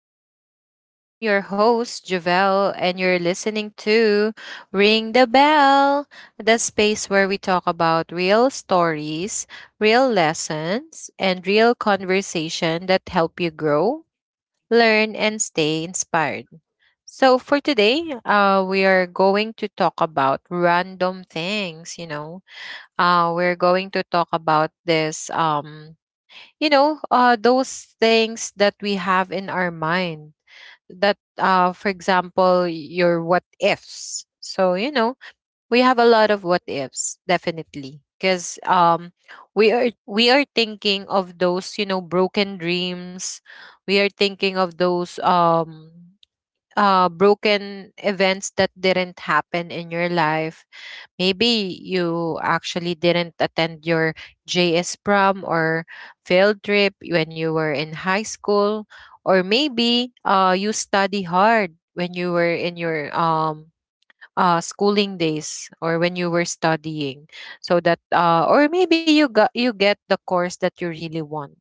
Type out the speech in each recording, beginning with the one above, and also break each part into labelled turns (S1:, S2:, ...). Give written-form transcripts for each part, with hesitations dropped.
S1: show. I'm your host Javelle and you're listening to Ring the Bell, the space where we talk about real stories, real lessons, and real conversation that help you grow, learn and stay inspired. So for today, we are going to talk about random things, you know. We're going to talk about this you know those things that we have in our mind that for example your what ifs so you know we have a lot of what ifs definitely because we are thinking of those you know broken dreams. We are thinking of those broken events that didn't happen in your life. Maybe you actually didn't attend your JS prom or field trip when you were in high school, or maybe you study hard when you were in your schooling days or when you were studying, so that or maybe you got you get the course that you really want.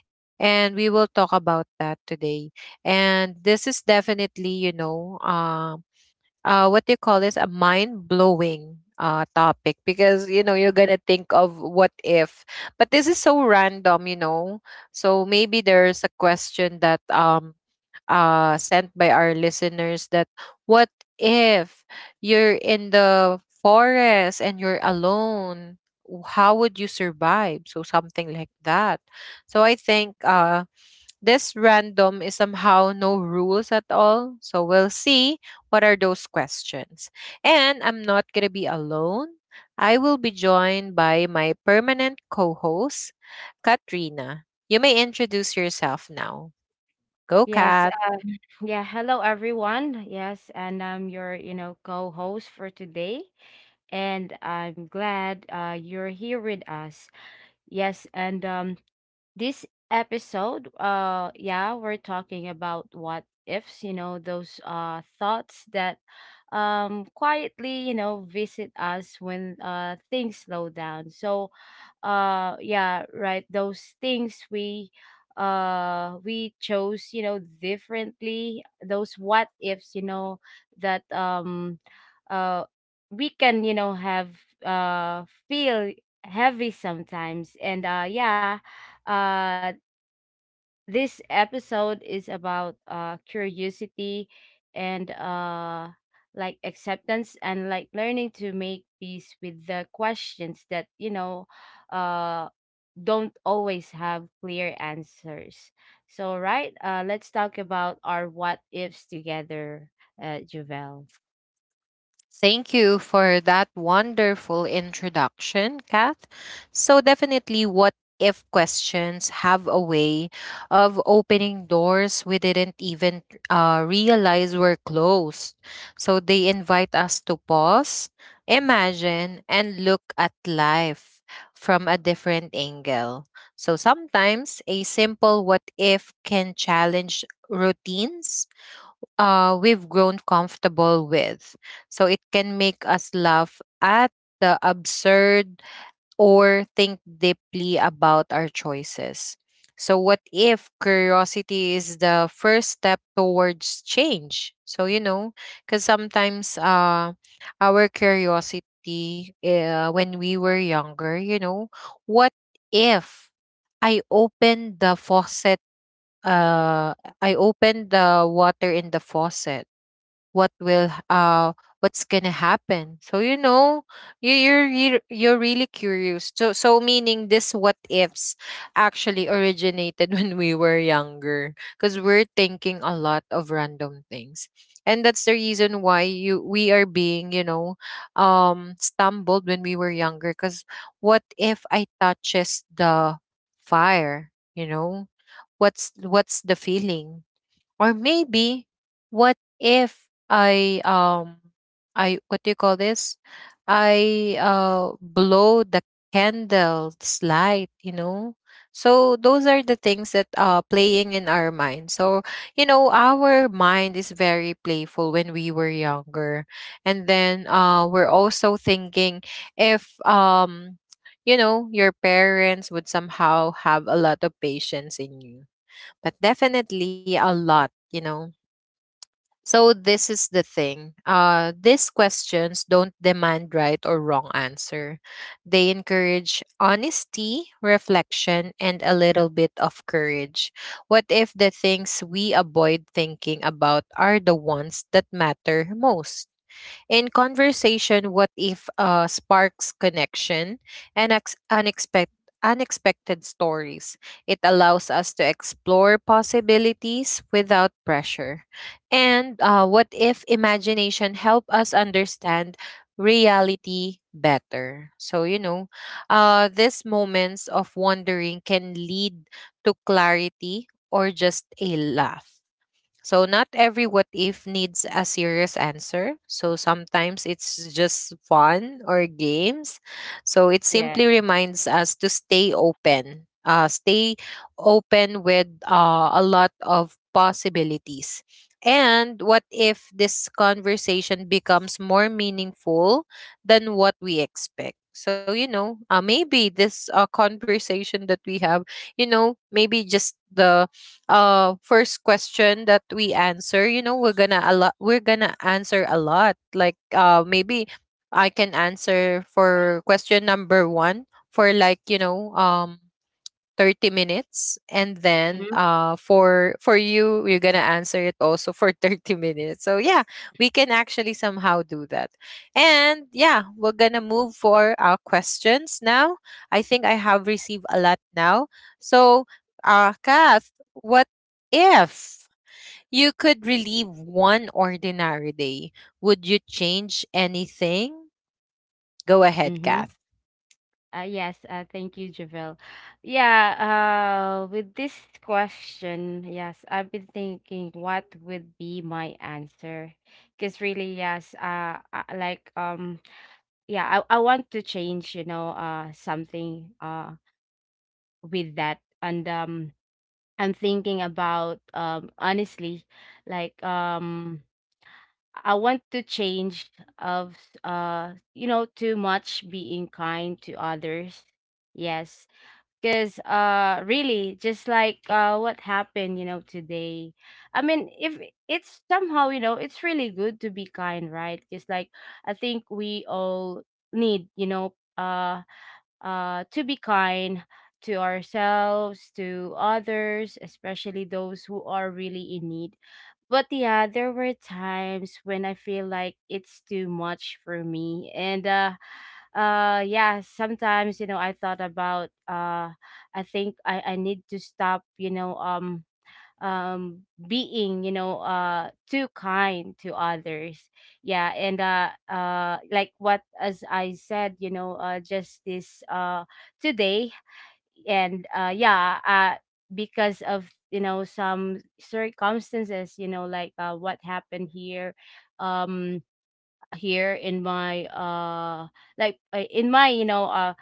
S1: And we will talk about that today. And this is definitely, you know, what do you call this? A mind blowing topic because you know you're gonna think of what if, but this is so random, you know. So maybe there's a question that sent by our listeners that what if you're in the forest and you're alone? How would you survive? So something like that. So I think this random is somehow no rules at all. So we'll see what are those questions. And I'm not going to be alone. I will be joined by my permanent co host, Katrina. You may introduce yourself now. Go,
S2: Yes.
S1: Kat.
S2: Yeah. Hello, everyone. Yes, and I'm your, co-host for today, and I'm glad you're here with us. Yes, and this episode yeah we're talking about what ifs, those thoughts that quietly, visit us when things slow down. So yeah, right, those things we chose, differently, those what ifs, that uh we can, have feel heavy sometimes. And uh, this episode is about curiosity and like acceptance and like learning to make peace with the questions that, uh, don't always have clear answers. So, right, let's talk about our what ifs together, Javel.
S1: Thank you for that wonderful introduction, Kath. So, definitely, what if questions have a way of opening doors we didn't even realize were closed. So, they invite us to pause, imagine, and look at life from a different angle. So, sometimes a simple what if can challenge routines we've grown comfortable with. So it can make us laugh at the absurd or think deeply about our choices. So, what if curiosity is the first step towards change? So, you know, because sometimes our curiosity when we were younger, you know, what if I opened the faucet? Uh, I opened the water in the faucet, what will h- uh what's gonna happen? So you know you're really curious. So so meaning this what ifs actually originated when we were younger because we're thinking a lot of random things. And that's the reason why you we are being, you know, stumbled when we were younger because what if I touches the fire, you know, what's the feeling? Or maybe what if I what do you call this? I blow the candle's light, you know? So those are the things that are playing in our mind. So, you know, our mind is very playful when we were younger. And then we're also thinking if you know your parents would somehow have a lot of patience in you, but definitely a lot, you know. So this is the thing. These questions don't demand right or wrong answer. They encourage honesty, reflection, and a little bit of courage. What if the things we avoid thinking about are the ones that matter most? In conversation, what if sparks connection and unexpected stories? It allows us to explore possibilities without pressure. And what if imagination help us understand reality better? So, you know, these moments of wondering can lead to clarity or just a laugh. So, not every what if needs a serious answer. So, sometimes it's just fun or games. So, it
S2: Yeah.
S1: simply reminds us to stay open with a lot of possibilities. And what if this conversation becomes more meaningful than what we expect? So, you know, maybe this conversation that we have, you know, maybe just the first question that we answer, you know, we're gonna answer a lot, like maybe I can answer for question number one for, like, you know, 30 minutes, and then for you, you're going to answer it also for 30 minutes. So yeah, we can actually somehow do that. And yeah, we're going to move for our questions now. I think I have received a lot now. So, Kath, what if you could relieve one ordinary day, would you change anything? Go ahead,
S2: Mm-hmm.
S1: Kath.
S2: Yes, thank you, Javel. Yeah, with this question, yes, I've been thinking what would be my answer. Because really, yes, like, yeah, I want to change, something, with that. And, I'm thinking about, honestly, like, I want to change of, you know, too much being kind to others. Yes, because really just like what happened, you know, today. I mean, if it's somehow, you know, it's really good to be kind, right? Because like I think we all need, to be kind to ourselves, to others, especially those who are really in need. But yeah, there were times when I feel like it's too much for me. And yeah, sometimes, you know, I thought about, I think I need to stop, being, you know, too kind to others. Yeah, and like, what, as I said, you know, just this, today. And because of, you know, some circumstances, you know, like what happened here. um Here in my, like, in my, you know, uh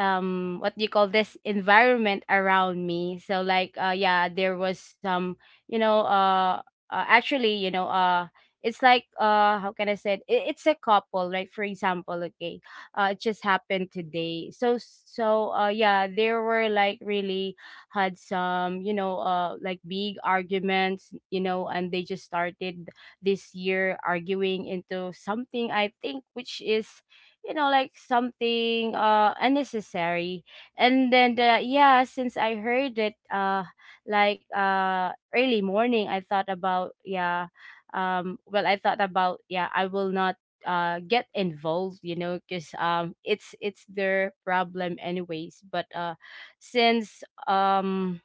S2: um what do you call this, environment around me. So like yeah, there was some, you know uh, actually, you know, it's like, how can I say it? It's a couple, like for example. Okay, it just happened today. So yeah, there were like, really had some, like big arguments, you know, and they just started this year arguing into something, I think, which is, you know, like something unnecessary. And then the, yeah, since I heard it, like early morning, I thought about, yeah, well, I thought about, yeah, I will not get involved, you know, because it's their problem anyways. But since um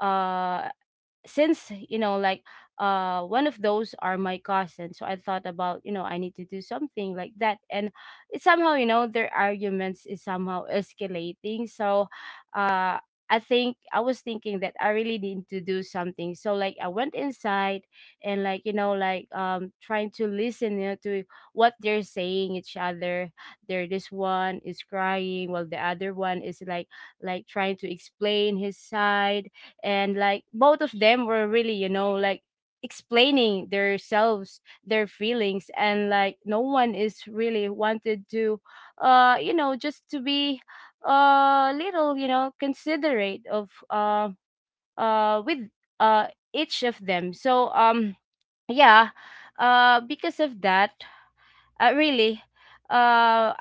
S2: uh since, you know, like one of those are my cousins, so I thought about, you know, I need to do something like that. And it somehow, you know, their arguments is somehow escalating. So uh I think I was thinking that I really need to do something. So like I went inside, and like, you know, like trying to listen, you know, to what they're saying each other. There, this one is crying while the other one is like trying to explain his side. And like both of them were really, you know, like explaining themselves, their feelings, and like no one is really wanted to you know, just to be a little, you know, considerate of with uh each of them. So yeah, because of that, really, uh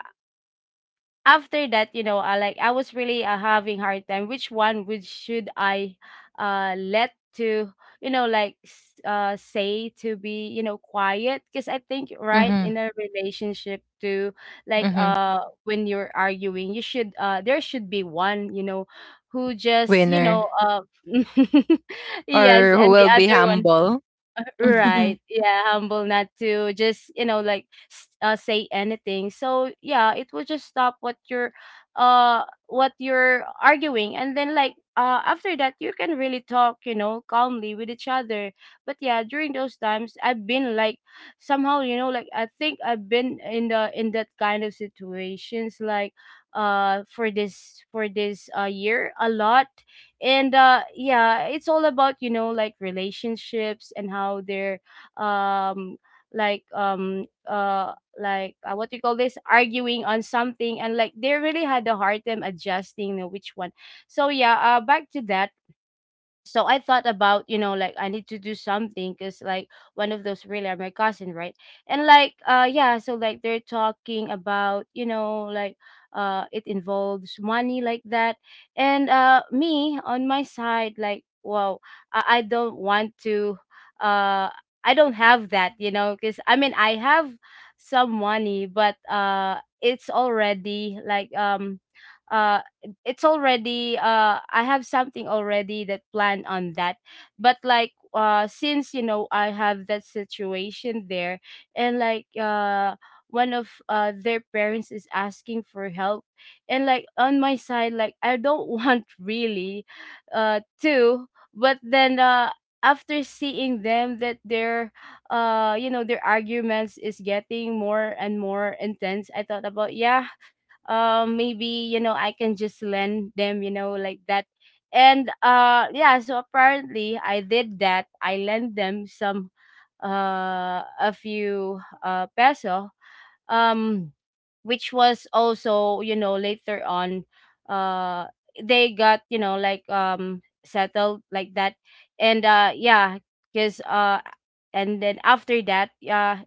S2: after that, you know, like I was really having hard time. Which one would should I let to, you know, like say to be, you know, quiet? Because I think, right,
S1: Mm-hmm.
S2: in a relationship too, like
S1: Mm-hmm.
S2: when you're arguing, you should, there should be one, you know, who just, you
S1: Winner.
S2: know, yes,
S1: Or who
S2: and the
S1: will be
S2: other one.
S1: humble.
S2: Right.
S1: Mhm.
S2: Yeah, humble, not to just, you know, like say anything. So, yeah, it will just stop what you're arguing, and then like after that you can really talk, you know, calmly with each other. But yeah, during those times I've been like somehow, you know, like, I think I've been in the in that kind of situations like for this year a lot. And yeah, it's all about, you know, like relationships and how they're um like like, what do you call this, arguing on something, and like they really had a hard time adjusting, which one. So yeah, back to that. So I thought about, you know, like I need to do something, because like one of those really are my cousin, right? And like yeah, so like they're talking about, you know, like it involves money, like that. And me on my side, like, wow, I don't want to uh I don't have that, you know, because I mean I have some money, but it's already like uh it's already I have something already that planned on that. But like since, you know, I have that situation there, and like one of their parents is asking for help. And like on my side, like, I don't want really to. But then after seeing them that their you know, their arguments is getting more and more intense, I thought about, yeah, maybe, you know, I can just lend them, you know, like that. And yeah, so apparently I did that. I lent them some a few peso, um which was also, you know, later on, uh they got, you know, like settled, like that. And yeah, because and then after that,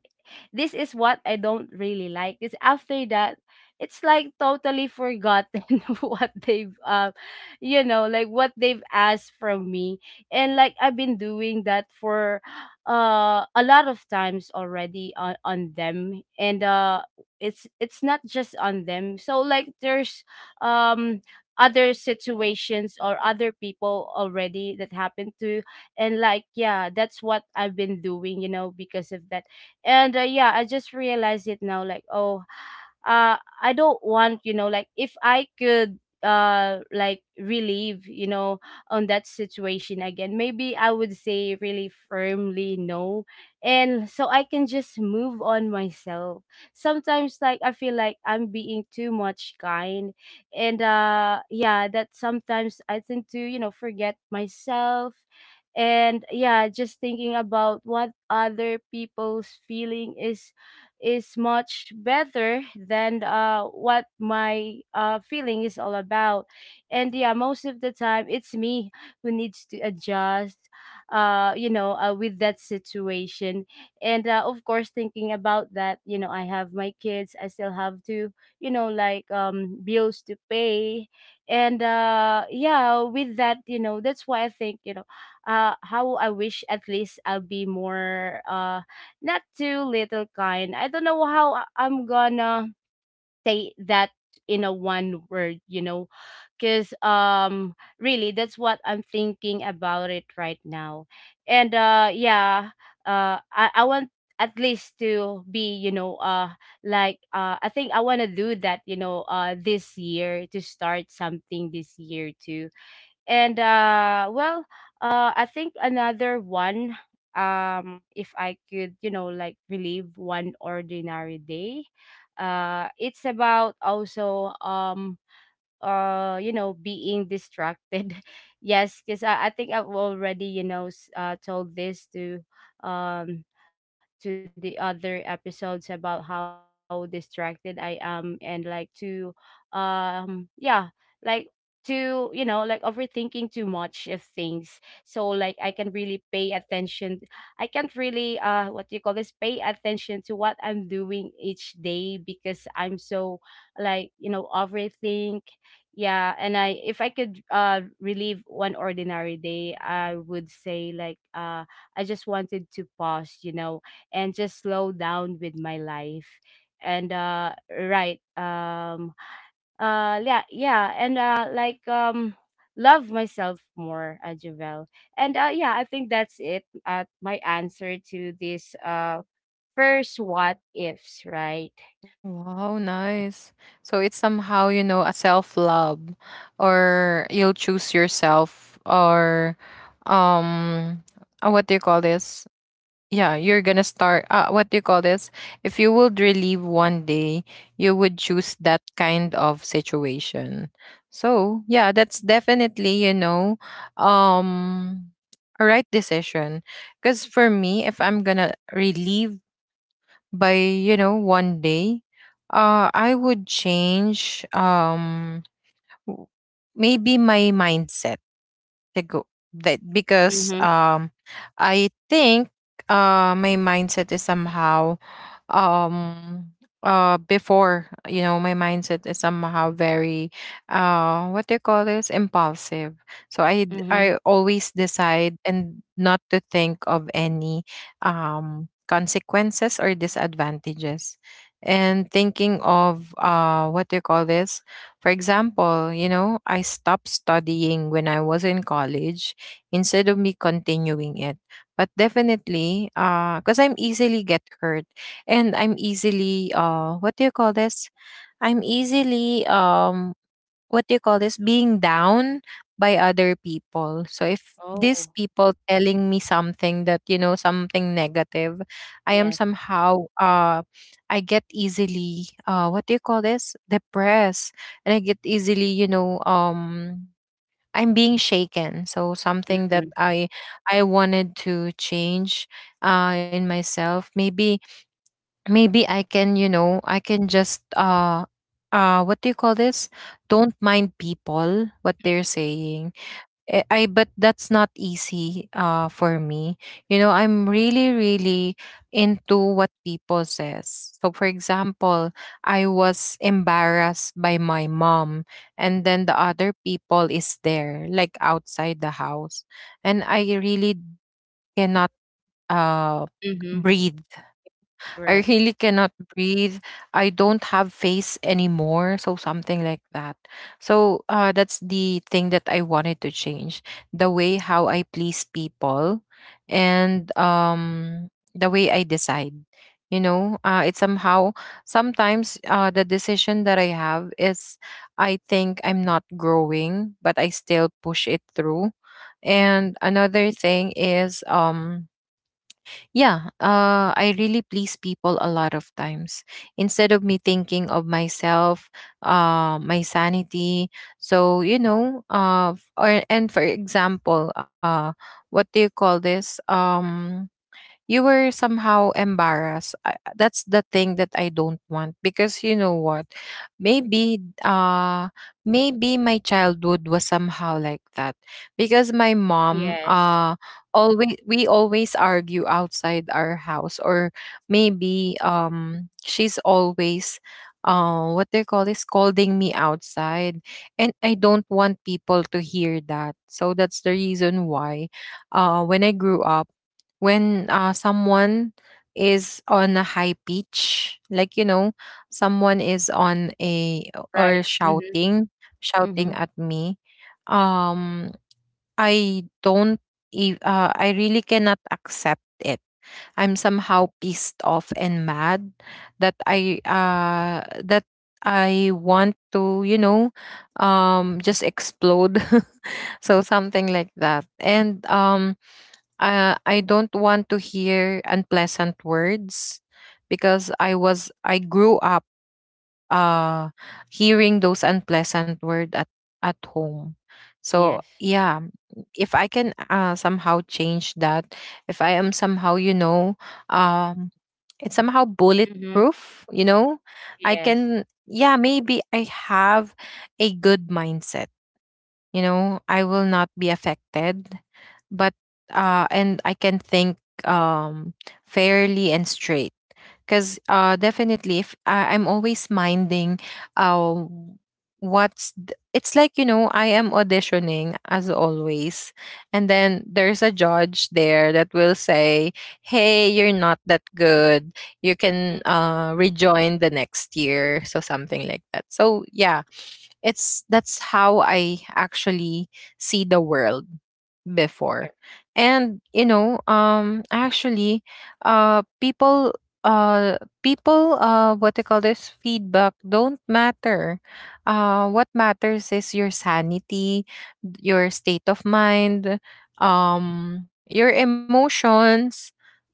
S2: this is what I don't really like. Is, after that, it's like totally forgotten of what they've you know, like what they've asked from me. And like I've been doing that for a lot of times already on them. And it's not just on them. So like there's um other situations or other people already that happened to. And like, yeah, that's what I've been doing, you know, because of that. And yeah, I just realized it now, like, oh, uh I don't want, you know, like if I could like relieve, you know, on that situation again, maybe I would say really firmly no, and so I can just move on myself. Sometimes like I feel like I'm being too much kind, and yeah, that sometimes I tend to, you know, forget myself, and yeah, just thinking about what other people's feeling is much better than what my feeling is all about. And yeah, most of the time it's me who needs to adjust, with that situation. And of course, thinking about that, you know, I have my kids, I still have to, you know, like bills to pay. And yeah, with that, you know, that's why I think, you know, how I wish at least I'll be more not too little kind. I don't know how I'm gonna say that in a one word, you know, because really that's what I'm thinking about it right now. And yeah, I want at least to be, you know, like I think I wanna do that, you know, this year to start something this year too. And well, I think another one, if I could, you know, like relive one ordinary day, it's about also you know, being distracted. Yes, because I think I've already, you know, told this um to the other episodes about how distracted I am. And like to yeah, like to, you know, like overthinking too much of things. So like I can really pay attention, I can't really, what do you call this, pay attention to what I'm doing each day, because I'm so like, you know, overthink. Yeah, and I, if I could relive one ordinary day, I would say, like, I just wanted to pause, you know, and just slow down with my life. And right, yeah, yeah, and like love myself more, Javel. And yeah, I think that's it, my answer to this, first what ifs, right?
S1: Wow, nice. So it's somehow, you know, a self-love or you'll choose yourself or um what do you call this? Yeah, you're gonna start what do you call this? If you would relieve one day, you would choose that kind of situation. So yeah, that's definitely, you know, um a right decision. Because for me, if I'm gonna relieve by, you know, one day, I would change w- maybe my mindset to go that because
S2: Mhm,
S1: I think my mindset is somehow um before, you know, my mindset is somehow very what do you call this, impulsive. So
S2: mhm.
S1: I always decide and not to think of any consequences or disadvantages, and thinking of what do you call this, for example, you know, I stopped studying when I was in college instead of me continuing it. But definitely because I'm easily get hurt, and I'm easily what do you call this? I'm easily what do you call this? Being down by other people. So if these
S2: Oh,
S1: people telling me something that, you know, something negative, I am
S2: yes.
S1: somehow I get easily what do you call this? Depressed, and I get easily, you know, I'm being shaken. So something that
S2: Mhm,
S1: I wanted to change in myself. Maybe maybe I can, you know, I can just what do you call this? Don't mind people what they're saying. Eh, I, but that's not easy for me. You know, I'm really really into what people says. So for example, I was embarrassed by my mom and then the other people is there like outside the house, and I really cannot uh
S2: mhm.
S1: breathe. I
S2: Right.
S1: really cannot breathe. I don't have face anymore. So something like that. So that's the thing that I wanted to change. The way how I please people, and the way I decide. You know, it's somehow sometimes the decision that I have is I think I'm not growing, but I still push it through. And another thing is yeah, I really please people a lot of times. Instead of me thinking of myself, my sanity. So you know, f- or and for example, what do you call this? You were somehow embarrassed. That's the thing that I don't want, because you know what? Maybe maybe my childhood was somehow like that, because my mom
S2: Yes.
S1: always we always argue outside our house, or maybe she's always what they call is scolding me outside, and I don't want people to hear that. So that's the reason why when I grew up, when someone is on a high pitch, like, you know, someone is on a
S2: Right.
S1: or
S2: Mhm.
S1: shouting, shouting
S2: Mhm.
S1: at me, um I don't e- I really cannot accept it. I'm somehow pissed off and mad that I that I want to, you know, just explode So something like that. And I don't want to hear unpleasant words because I grew up uh hearing those unpleasant words at home. So
S2: Yes.
S1: yeah, if I can somehow change that, if I am somehow um it's somehow
S2: Mhm.
S1: bulletproof, you know, I
S2: Yes.
S1: can yeah maybe I have a good mindset, you know, I will not be affected, but and I can think um fairly and straight. Because definitely if I'm always minding uh, what's it's like, you know, I am auditioning as always, and then there's a judge there that will say, hey, you're not that good, you
S2: Mm,
S1: can rejoin the next year, so something like that. So yeah, it's that's how I actually see the world before.
S2: right,
S1: And you know, actually uh people uh people what they call this, feedback don't matter. What matters is your sanity, your state of mind, your emotions,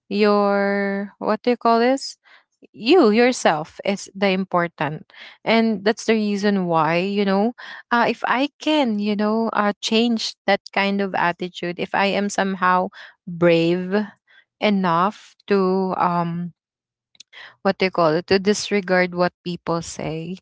S1: your what do you call this, you yourself is the important. And that's the reason why, you know, if I can, you know, change that kind of attitude, if I am somehow brave enough to what they call it, to disregard what people say,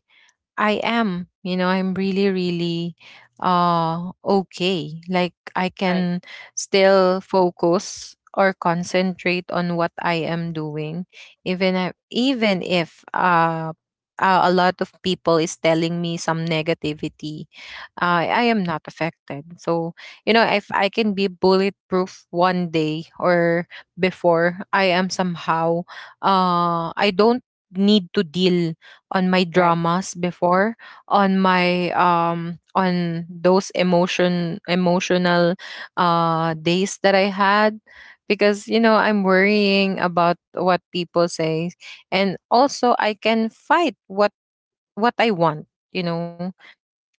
S1: I am, you know, I'm really, really okay. Like I
S2: right,
S1: can still focus or concentrate on what I am doing, even if a lot of people is telling me some negativity, I am not affected. So you know, if I can be bulletproof one day or before, I am somehow I don't need to deal on my
S2: right,
S1: dramas before, on my on those emotional days that I had because you know I'm worrying about what people say. And also I can fight what I want, you know,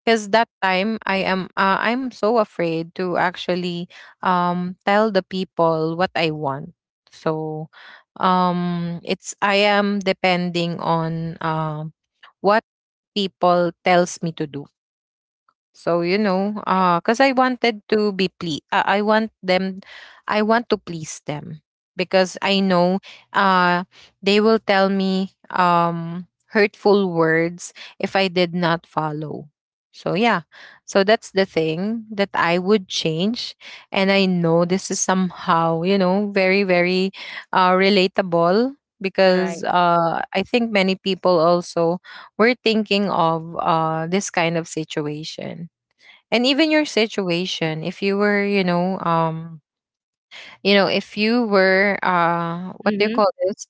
S1: because that time I am I'm so afraid to actually tell the people what I want. So it's I am depending on what people tells me to do. So you know,
S2: right,
S1: because I wanted to I want them, I want to please them because I know uh they will tell me hurtful words if I did not follow. So yeah, so that's the thing that I would change. And I know this is somehow, you know, very, very relatable, because
S2: right.
S1: I think many people also we're thinking of this kind of situation. And even your situation, if you were, you know, if you were what do you
S2: Mhm.
S1: call this,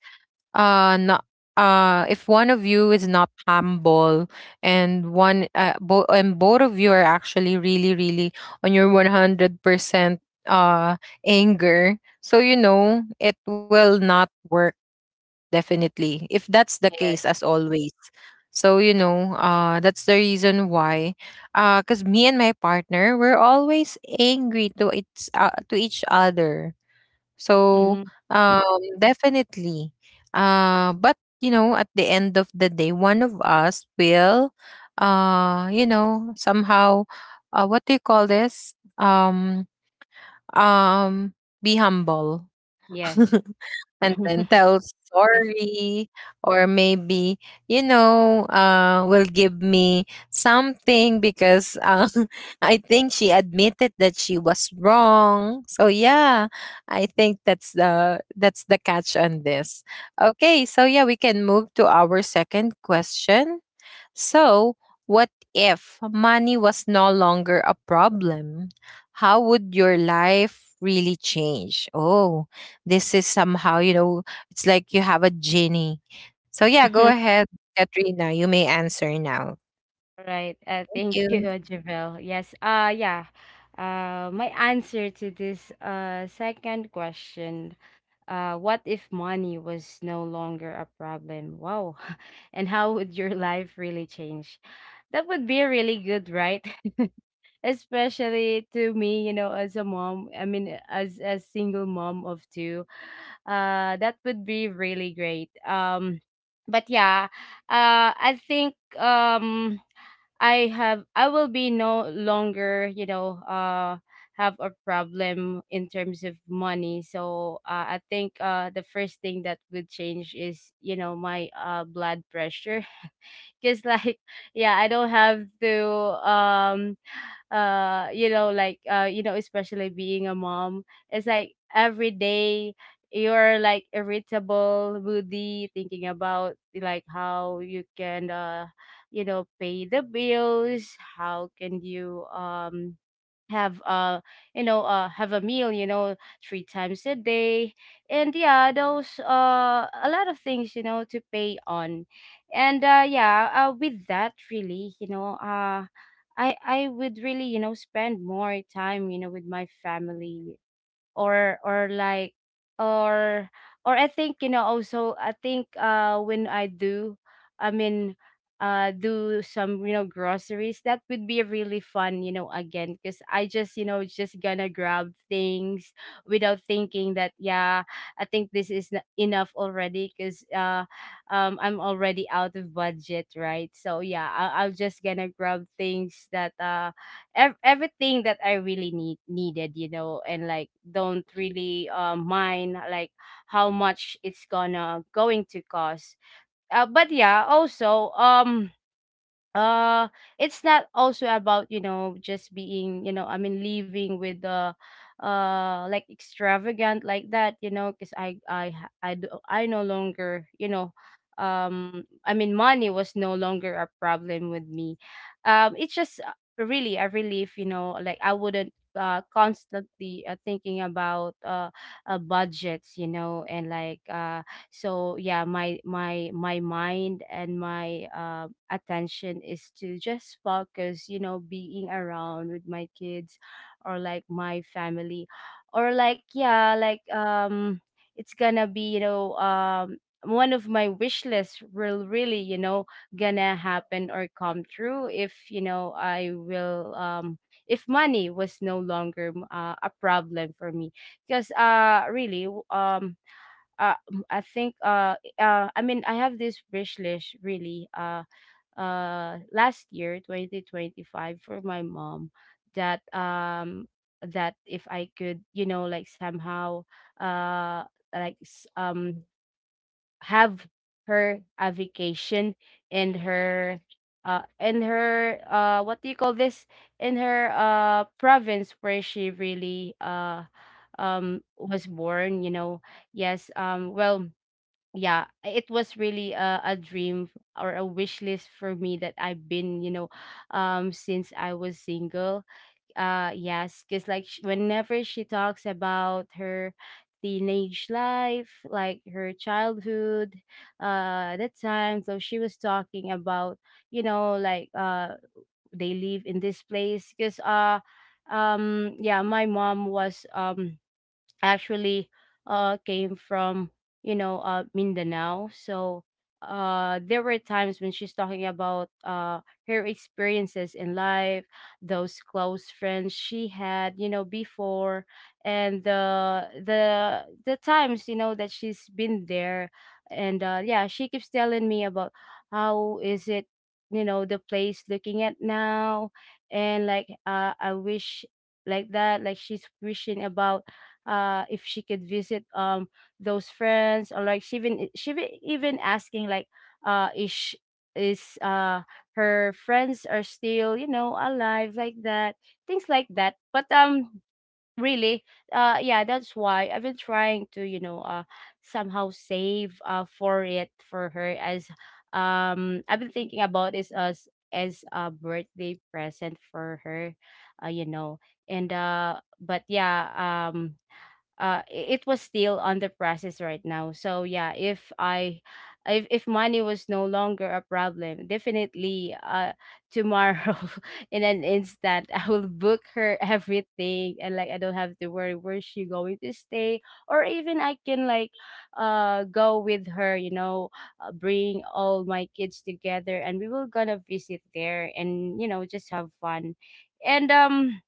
S1: not if one of you is not humble and and both of you are actually really, really on your 100% uh anger, so you know it will not work definitely. If that's the
S2: Yes.
S1: case, as always. So, you know, that's the reason why. Because me and my partner, we're always angry to, to each other. So,
S2: Mhm.
S1: um, definitely. But, you know, at the end of the day, one of us will, you know, somehow, what do you call this? Um, be humble.
S2: Yes.
S1: And then tell
S2: Yes.
S1: sorry. Or maybe you know will give me something because I think she admitted that she was wrong. So yeah, I think that's the catch on this. Okay, so yeah, we can move to our second question. So, what if money was no longer a problem? How would your life really change? Oh, this is somehow, you know, it's like you have a genie. So, yeah, go ahead, Katrina. You may answer now.
S2: Right.
S1: Thank
S2: Thank
S1: you.
S2: you, Javel. Yes. Yeah. My answer to this second question. What if money was no longer a problem? Wow. And how would your life really change? That would be really good, right? Especially to me, you know, as a mom, I mean as a single mom of two, that would be really great. But yeah, I think I have I will be no longer, you know, have a problem in terms of money. So I think the first thing that would change is, you know, my blood pressure, because like yeah, I don't have to. um you know, like, you know, especially being a mom, it's like every day you're like irritable, moody, thinking about like how you can, you know, pay the bills. How can you, have you know, have a meal, you know, three times a day, and yeah, those a lot of things, you know, to pay on. And yeah, with that, really, you know, I would really, you know, spend more time, you know, with my family, or like, or or I think, you know, also I think when I do, I mean, do some, you know, groceries. That would be really fun, you know, again, because I just, you know, just gonna grab things without thinking that. Yeah, I think this is enough already, because I'm already out of budget, right? So yeah, I'll just gonna grab things that, everything that I really needed, you know, and like don't really, mind like how much it's gonna going to cost. But yeah, also, uh it's not also about, you know, just being, you know, I mean living with the, like extravagant like that, you know, because I do, I no longer, you know, I mean money was no longer a problem with me. It's just, really a relief, you know, like I wouldn't constantly, thinking about, budgets, you know, and like, so yeah, my mind and my attention is to just focus, you know, being around with my kids, or like my family, or like, yeah, like, it's gonna be, you know, one of my wish lists will really, you know, gonna happen or come true if, you know, I will, if money was no longer, a problem for me. Because really, uh, I think, I mean, I have this wish list, really, last year, 2025, for my mom. That if I could, you know, like, somehow, uh like s- um have her a vacation in her, in her, what do you call this, in her, province where she really, was born, you know. Yes. Well, yeah, it was really a dream or a wish list for me that I've been, you know, since I was single. Yes, because like, whenever she talks about her teenage life, like her childhood, that time. So she was talking about, you know, like, they live in this place because, yeah, my mom was, actually, came from, you know, Mindanao. So, there were times when she's talking about, her experiences in life, those close friends she had, you know, before, and the times, you know, that she's been there. And yeah, she keeps telling me about how is it, you know, the place looking at now. And like, I wish, like that, like she's wishing about, if she could visit, those friends. Or like, she even asking like, uh is sh- is her friends are still, you know, alive, like that. Things like that, but, really, yeah, that's why I've been trying to, you know, somehow save, for it, for her, as, I've been thinking about, is as, a birthday present for her, you know. And but yeah, um uh it was still under process right now. So yeah, if money was no longer a problem, definitely, tomorrow in an instant I will book her everything, and like I don't have to worry where she going to stay, or even I can, like, go with her, you know, bring all my kids together, and we will gonna visit there and, you know, just have fun. And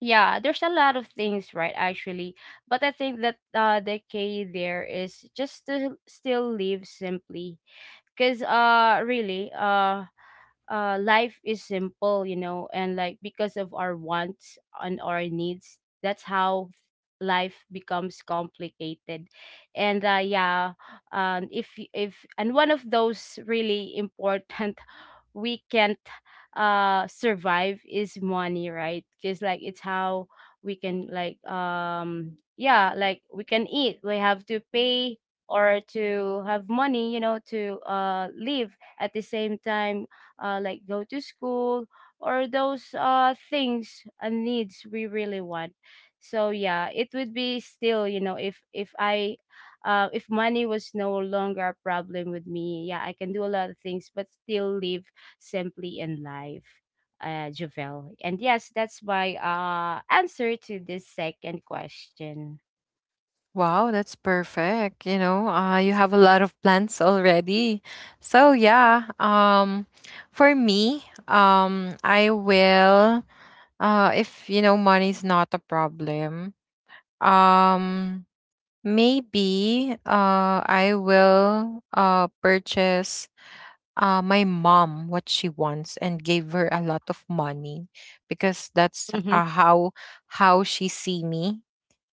S2: yeah, there's a lot of things, right, actually, but I think that, the key there is just to still live simply. Because really, life is simple, you know, and like because of our wants and our needs, that's how life becomes complicated. And yeah. If, and one of those really important we can't survive is money, right? Because like it's how we can, like, yeah, like we can eat, we have to pay, or to have money, you know, to live at the same time, like go to school, or those things and needs we really want. So yeah, it would be still, you know, if I if money was no longer a problem with me, yeah, I can do a lot of things, but still live simply in life, Javel. And yes, that's my, answer to this second question.
S1: Wow, that's perfect. You know, you have a lot of plans already. So, yeah, for me, I will, if, you know, money's not a problem. Um, maybe I will purchase my mom what she wants and give her a lot of money, because that's how she see me.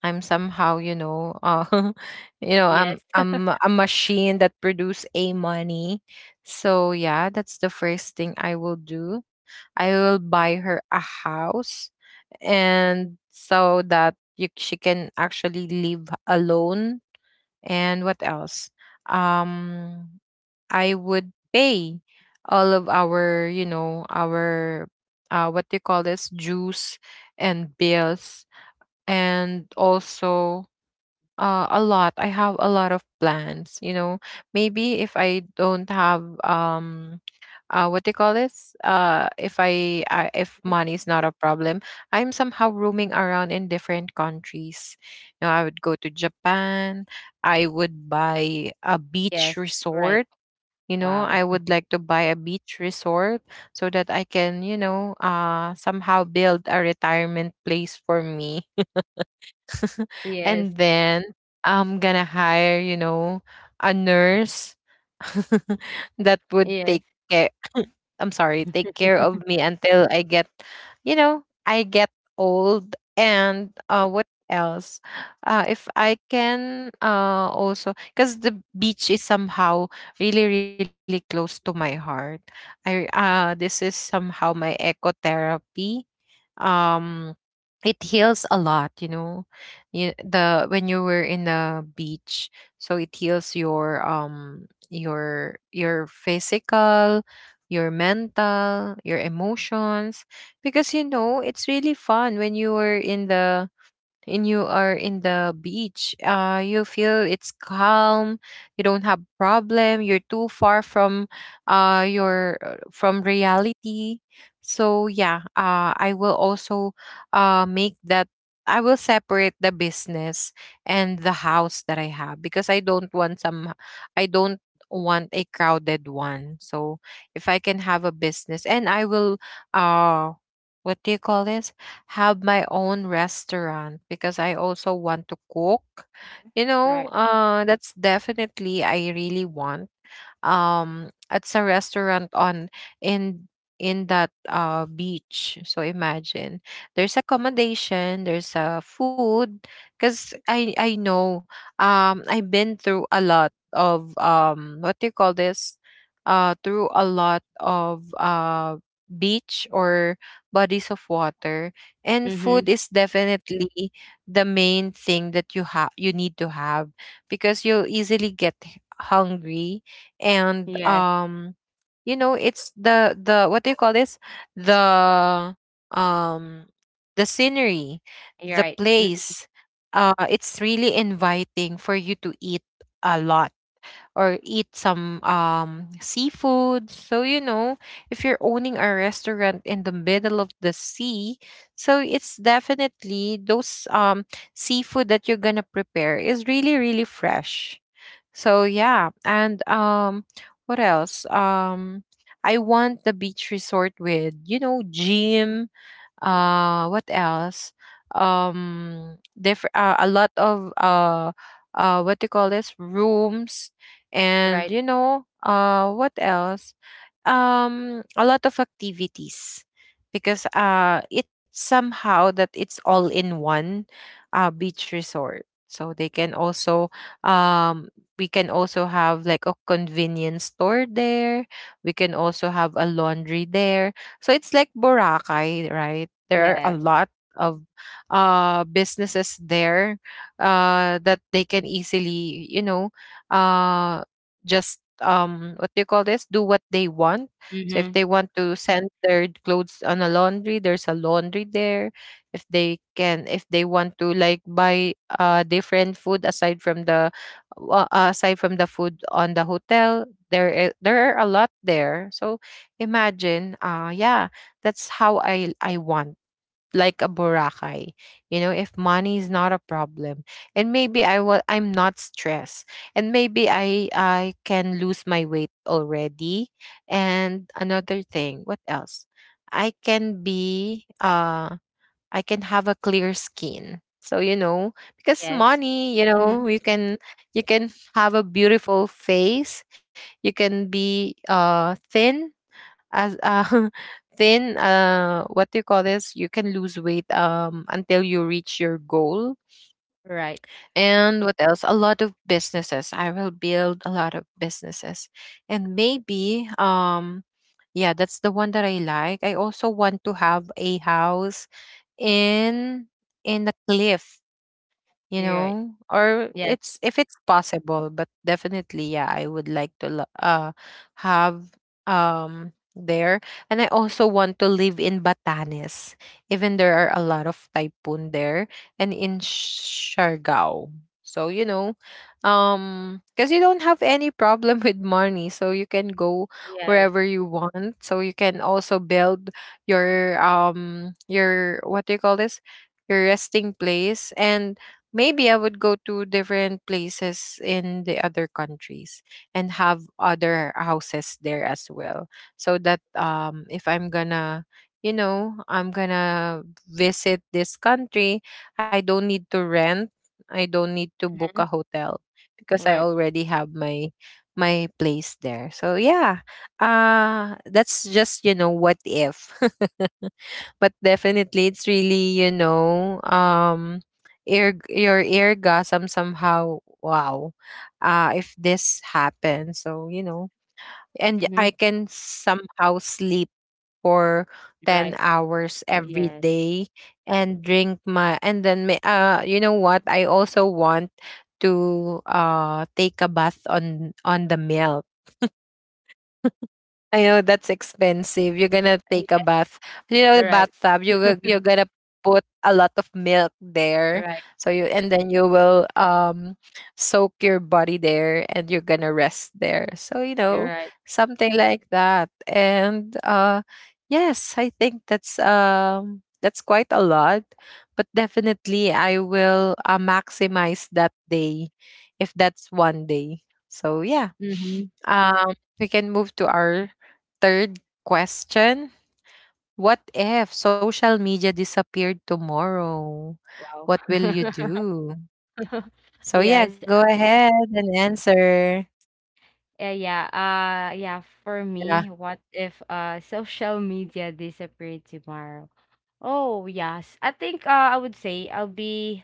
S1: I'm somehow, you know, you know,
S2: Yes,
S1: I'm a machine that produce a money. So yeah, that's the first thing I will do. I will buy her a house, and so that you, she can actually live alone. And what else? Um, I would pay all of our, you know, our what do you call this, dues and bills, and also a lot. I have a lot of plans. You know, maybe if I don't have what they call this, if I, I if money is not a problem, I'm somehow roaming around in different countries. You know, I would go to Japan. I would buy a beach
S2: yes. Right.
S1: resort. You know,
S2: Wow.
S1: I would like to buy a beach resort so that I can, you know, somehow build a retirement place for me, and
S2: Yes.
S1: then I'm gonna hire, you know, a nurse that would
S2: Yes.
S1: take care, I'm sorry, take care of me until I get, you know, I get old. And what else? If I can also cuz the beach is somehow really, really close to my heart. I this is somehow my ecotherapy. um it heals a lot, you know, the when you were in the beach. So it heals your physical, your mental, your emotions. Because you know it's really fun when you were in the and you are in the beach, you feel it's calm, you don't have problem, you're too far from your from reality. So yeah, I will also make that, I will separate the business and the house that I have because I don't want some, I don't want a crowded one. So if I can have a business, and I will uh what do you call this, have my own restaurant because I also want to cook. You know,
S2: Right.
S1: that's definitely I really want. It's a restaurant on in in that beach, so imagine there's accommodation, there's food. Because I know, I've been through a lot of what do you call this, through a lot of beach or bodies of water. And
S2: Mm-hmm.
S1: food is definitely the main thing that you need to have, because you'll easily get hungry. And
S2: Yes.
S1: you know it's the what do you call this, the um the scenery,
S2: You're
S1: the
S2: right. Mm-hmm.
S1: place, it's really inviting for you to eat a lot, or eat some seafood. So you know, if you're owning a restaurant in the middle of the sea, so it's definitely those seafood that you're gonna prepare is really, really fresh. So yeah, and what else? I want the beach resort with, you know, gym, what else? Different a lot of what do you call this? Rooms. And
S2: Right.
S1: you know, what else? A lot of activities, because it's somehow that it's all in one beach resort. So they can also um, we can also have like a convenience store there. We can also have a laundry there. So it's like Boracay, right? There are a
S2: Yes.
S1: lot of businesses there that they can easily, you know, uh just what do you call this, do what they want. So if
S2: Mm-hmm.
S1: they want to send their clothes on a laundry, there's a laundry there. If they can, if they want to like buy different food aside from the aside from the food on the hotel, there are a lot there. So imagine, yeah, that's how I want, like a Boracay, you know, if money is not a problem. And maybe I will, I'm not stressed. And maybe I can lose my weight already. And another thing, what else? I can be I can have a clear skin. So you know, because
S2: Yes.
S1: money, you
S2: Mm-hmm.
S1: know, you can, you can have a beautiful face, you can be thin as then what do you call this? You can lose weight until you reach your goal.
S2: Right.
S1: And what else? A lot of businesses. I will build a lot of businesses, and maybe. Yeah, that's the one that I like. I also want to have a house in in the cliff, you
S2: You're right.
S1: know, or
S2: Yes.
S1: it's if it's possible. But definitely yeah, I would like to have there. And I also want to live in Batanes, even there are a lot of typhoon there, and in Siargao. So you know, because you don't have any problem with money, so you can go
S2: Yes.
S1: wherever you want, so you can also build your what do you call this, your resting place. And maybe I would go to different places in the other countries and have other houses there as well. So that if I'm gonna, you know, I'm gonna visit this country, I don't need to rent, I don't need to book
S2: Mm-hmm.
S1: a hotel, because I
S2: Right.
S1: already have my my place there. So yeah. That's just, you know, what if. But definitely it's really, you know, ear your eargasm somehow, wow, if this happens. So you know, and
S2: Mm-hmm.
S1: I can somehow sleep for 10
S2: Right.
S1: hours every
S2: Yes.
S1: day, and drink my, and then you know what I also want, to take a bath on the milk. I know that's expensive. You're gonna take a
S2: Yes.
S1: bath. You know, the
S2: Right.
S1: bathtub. You you're gonna put a lot of milk there.
S2: Right.
S1: So you, and then you will soak your body there, and you're gonna rest there. So you know,
S2: Right.
S1: something like that. And yes, I think that's quite a lot. But definitely, I will maximize that day if that's one day. So yeah.
S2: Mm-hmm.
S1: Um, we can move to our third question. What if social media disappeared tomorrow?
S2: Wow.
S1: What will you do? So
S2: Yes.
S1: yeah, go ahead and answer.
S2: Yeah. Yeah. For me,
S1: Yeah.
S2: what if social media disappeared tomorrow? Oh, yes. I think, I would say I'll be,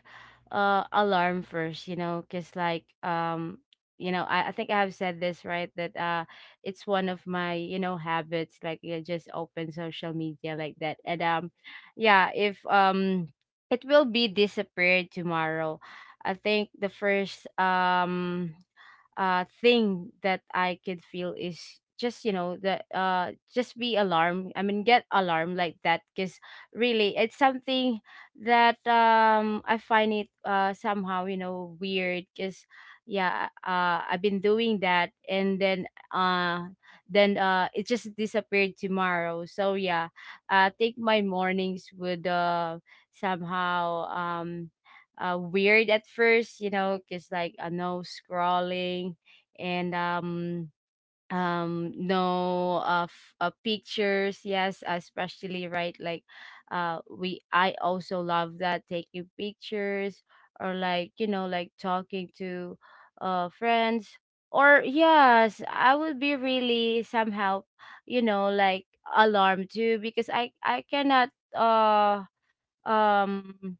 S2: alarm first, you know, because like, you know, I think I have said this right that, it's one of my, you know, habits, like you just open social media like that. And yeah, if, it will be disappeared tomorrow. I think the first, thing that I could feel is just, you know, the, just be alarmed, I mean get alarmed like that, because really it's something that, I find it, somehow, you know, weird, because yeah, I've been doing that, and then, it just disappeared tomorrow. So yeah, I think my mornings would, somehow, weird at first, you know, because like, no scrolling, and, no, pictures. Yes, especially, right, like, we, I also love that, taking pictures, or like, you know, like talking to, friends, or yes, I would be really somehow, you know, like alarmed too, because I cannot, uh um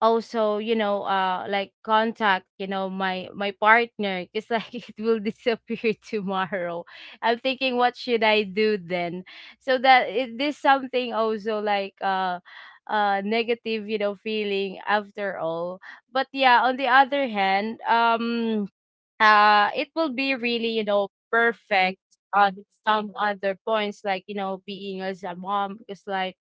S2: also, you know, like contact, you know, my partner, because like it will disappear tomorrow. I'm thinking what should I do then, so that it, this something also like, negative, you know, feeling after all. But yeah, on the other hand, it will be really, you know, perfect on some other points, like, you know, being as a mom. Because like,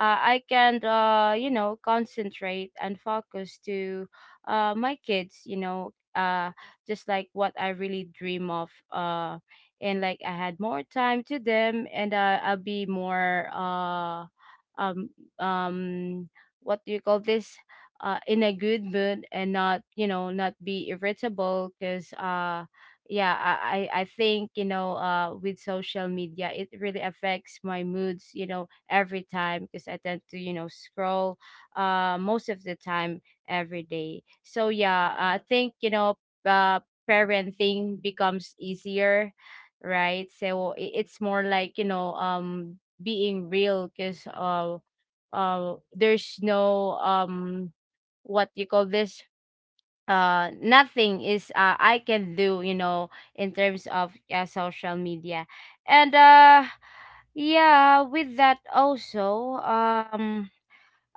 S2: I can, you know, concentrate and focus to, my kids, you know, just like what I really dream of. And like I had more time to them, and, I'll be more, um, um, what do you call this? In a good mood, and not, you know, not be irritable, because, yeah, I think, you know, with social media it really affects my moods, you know, every time, because I tend to, you know, scroll, most of the time, every day. So yeah, I think, you know, uh parenting becomes easier, right? So, it's more like, you know, being real. Because, there's no, what you call this, nothing is, I can do, you know, in terms of, social media. And yeah, with that also,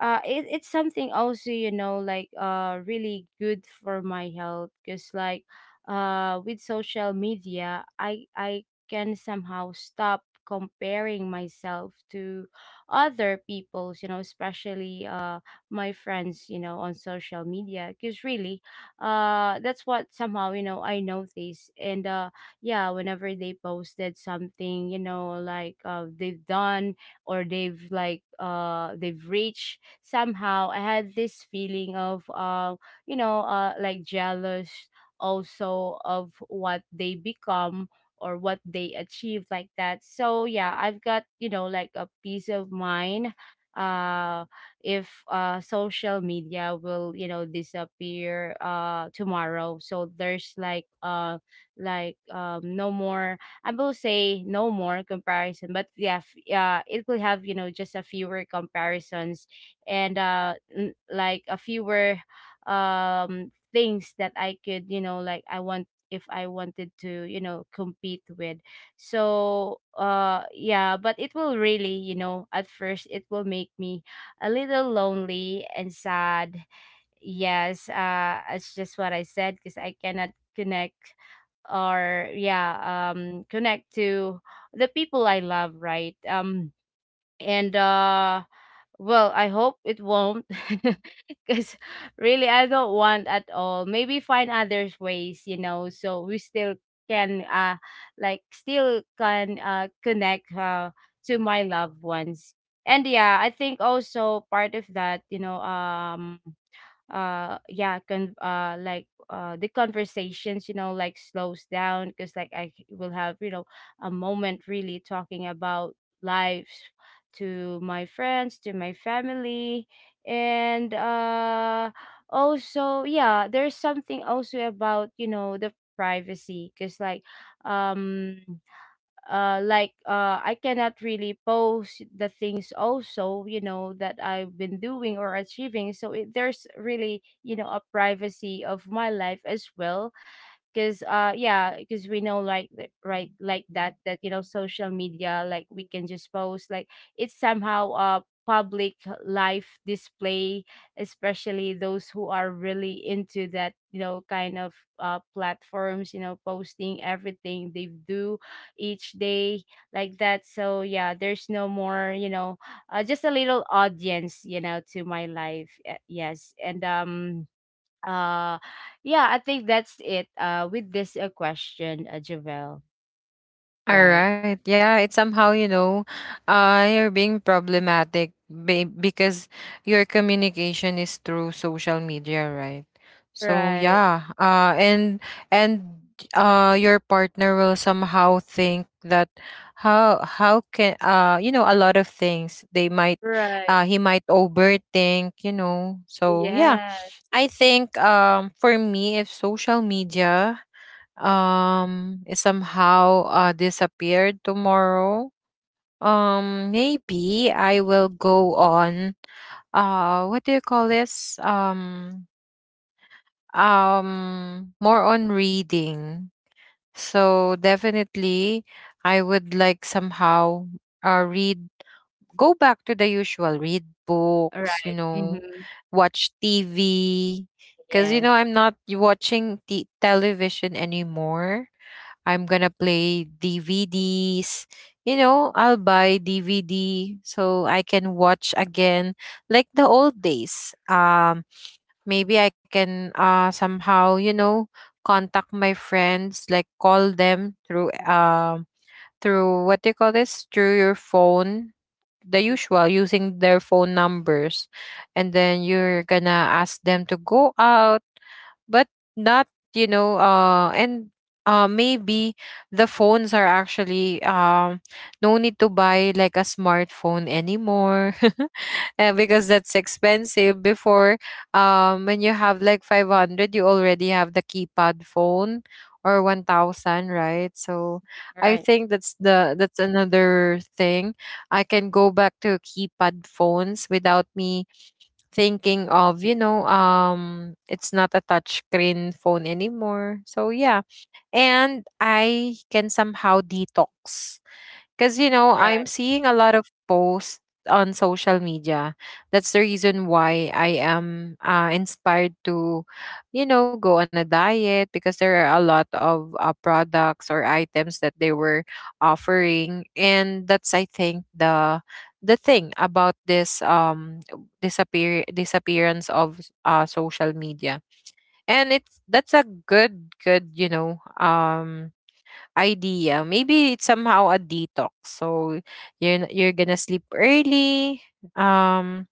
S2: it's something also, you know, like, really good for my health. Because like, with social media, I can somehow stop comparing myself to other people's, you know, especially, my friends, you know, on social media. Because really, that's what somehow, you know, I notice. And yeah, whenever they posted something, you know, like, they've done, or they've, like, they've reached somehow, I had this feeling of, you know, like jealous, also of what they become or what they achieve, like that. So yeah, I've got, you know, like a peace of mind uh if social media will disappear tomorrow, so there's like no more, I will say no more comparison, but yeah, yeah, it will have, you know, just a fewer comparisons, and like a fewer things that I could, you know, like I want, if I wanted to, you know, compete with. So yeah, but it will really, you know, at first it will make me a little lonely and sad. Yes, it's just what I said, because I cannot connect or yeah, connect to the people I love, right? And Well, I hope it won't because really I don't want at all. Maybe find other ways, you know, so we still can like still can connect to my loved ones. And yeah, I think also part of that, yeah, con like the conversations, you know, like slows down, because like I will have, you know, a moment really talking about lives to my friends, to my family. And also yeah, there's something also about, you know, the privacy, because like um I cannot really post the things also, you know, that I've been doing or achieving, so there's really, you know, a privacy of my life as well. Because yeah, because we know like right, like that, you know, social media, like we can just post, like it's somehow public life display, especially those who are really into that, you know, kind of platforms, you know, posting everything they do each day like that. So yeah, there's no more, you know, just a little audience, you know, to my life. Yes. and uh, yeah, I think that's it. With this question, Javel,
S1: All
S2: right?
S1: right. Yeah, it's somehow, you know, you're being problematic because your communication is through social media, right? So
S2: Right.
S1: yeah, and your partner will somehow think that how can a lot of things they might
S2: Right.
S1: he might overthink. so yeah
S2: Yeah.
S1: i think for me, if social media it somehow disappeared tomorrow, maybe I will go on, what do you call this more on reading. So definitely I would like somehow read, go back to the usual, read books you
S2: Right.
S1: know
S2: Mm-hmm.
S1: Watch TV, because
S2: Yes.
S1: I'm not watching television anymore. I'm gonna play DVDs. You know, I'll buy DVD so I can watch again like the old days. Maybe I can somehow, you know, contact my friends, like call them through through what do you call this? Through your phone, the usual, using their phone numbers. And then you're gonna ask them to go out, but not you know and Maybe the phones are actually, no need to buy like a smartphone anymore because that's expensive before. When you have like 500 you already have the keypad phone, or 1000, right? So I
S2: Right.
S1: think that's the, that's another thing. I can go back to keypad phones without me thinking of, you know, it's not a touchscreen phone anymore. So yeah, and I can somehow detox because, you know, I'm
S2: Right.
S1: seeing a lot of posts on social media. That's the reason why I am inspired to, you know, go on a diet because there are a lot of products or items that they were offering. And that's, I think, the thing about this disappearance of social media. And it's, that's a good, you know, idea. Maybe it's somehow a detox. So you're you're gonna sleep early. Um,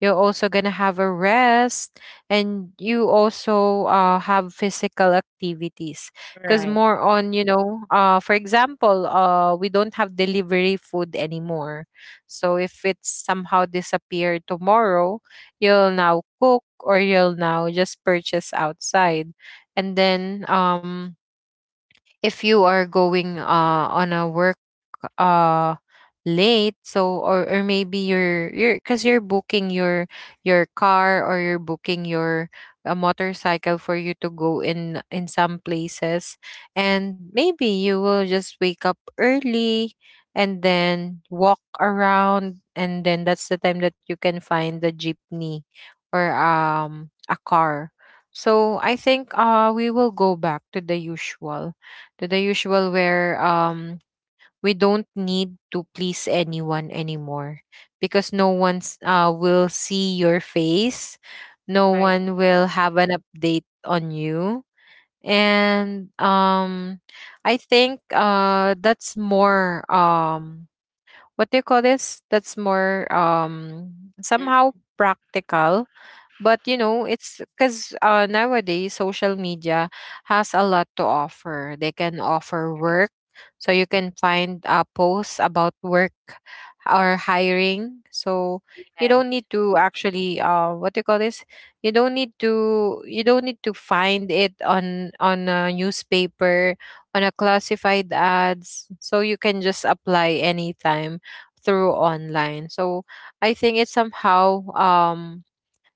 S1: you're also gonna have a rest, and you also have physical activities. Because
S2: Right.
S1: more on, you know, for example, we don't have delivery food anymore. So if it's somehow disappeared tomorrow, you'll now cook, or you'll now just purchase outside. And then if you are going on a work uh late, so or maybe you're because you're booking your car, or you're booking your a motorcycle for you to go in some places. And maybe you will just wake up early and then walk around, and then that's the time that you can find the jeepney, or a car. So I think we will go back to the usual, where we don't need to please anyone anymore, because no one's will see your face, no
S2: Right.
S1: one will have an update on you. And I think that's more what do you call this that's more
S2: Mhm.
S1: somehow, practical. But you know, it's because nowadays social media has a lot to offer. They can offer
S2: Right.
S1: work, so you can find posts about work or hiring. So you don't
S2: Yes.
S1: need to actually, what do you call this? You don't need to, find it on a newspaper, on a classified ads. So you can just apply anytime through online. So I think it's somehow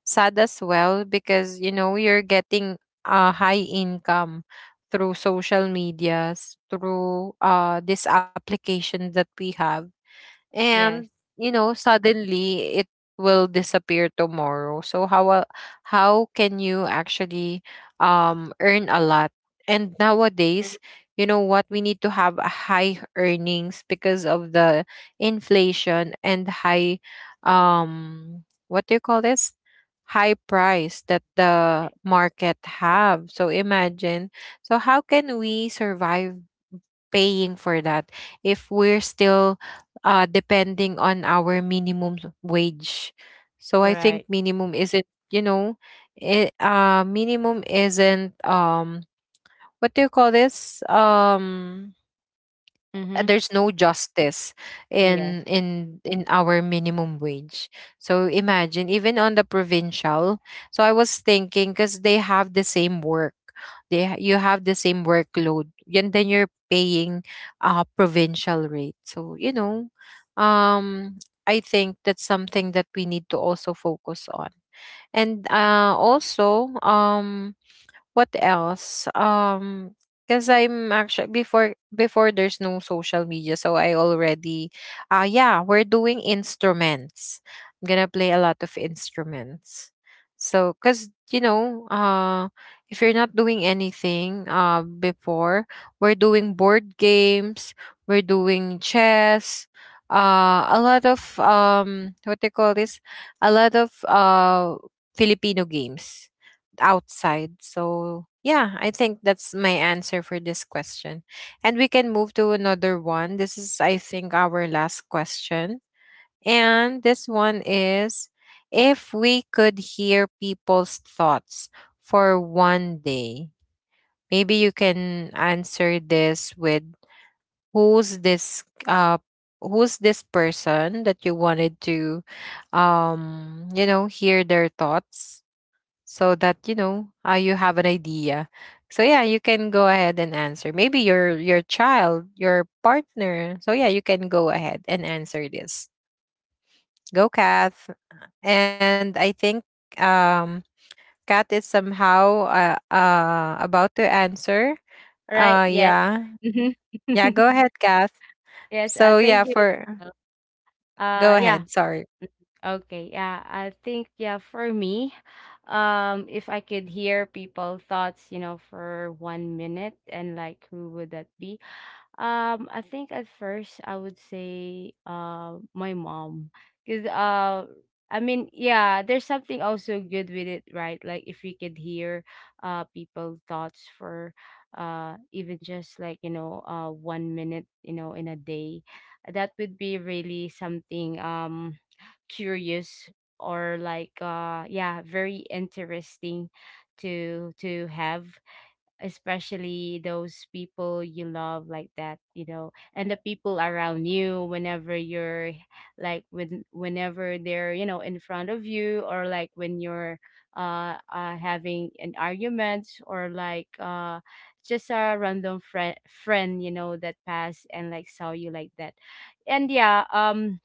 S1: sad as well, because you know you're getting a high income through social medias, through this application that we have. And
S2: Yes.
S1: you know suddenly it will disappear tomorrow, so how how can you actually earn a lot? And
S2: Mhm.
S1: nowadays, you know what, we need to have a high earnings because of the inflation and high what do you call this high price that the
S2: Right.
S1: market have. So imagine, so how can we survive paying for that if we're still depending on our minimum wage. So I think
S2: Right.
S1: minimum isn't, you know, it, minimum isn't, what do you call this?
S2: Mm-hmm.
S1: There's no justice
S2: Yes.
S1: in our minimum wage. So imagine, even on the provincial, so I was thinking, because they have the same work, they you have the same workload, and then you're paying a provincial rate. So you know, um I think that's something that we need to also focus on. And also, what else? Because I'm actually before, there's no social media, so I already, yeah, we're doing instruments. I'm gonna play a lot of instruments. So, because you know, if you're not doing anything, before, we're doing board games, we're doing chess, a lot of what they call this, a lot of Filipino games outside. So, yeah, I think that's my answer for this question. And we can move to another one. This is, I think, our last question. And this one is, if we could hear people's thoughts for one day, maybe you can answer this with who's this uh who's this person that you wanted to you know hear their thoughts, so that you know you have an idea. So yeah, you can go ahead and answer, maybe your child, your partner, so yeah, you can go ahead and answer this. Go, Kath. And I think um Kat is somehow about to answer
S2: Right.
S1: uh
S2: Yes.
S1: Yeah, yeah
S2: Mm-hmm.
S1: go ahead, Kath.
S2: Yes. I
S1: So
S2: think
S1: yeah,
S2: you.
S1: for, go
S2: Yeah.
S1: ahead, sorry.
S2: Okay, yeah, I think yeah, for me, if I could hear people thoughts, you know, for 1 minute, and like who would that be? I think at first I would say my mom, cause I mean yeah, there's something also good with it, right? Like if we could hear people thoughts for even just like, you know, 1 minute, you know, in a day, that would be really something, um, curious, or like yeah, very interesting to have, especially those people you love like that, you know, and the people around you whenever you're like, when whenever they're, you know, in front of you, or like when you're having an argument, or like just a random friend, you know, that passed and like saw you like that. And yeah,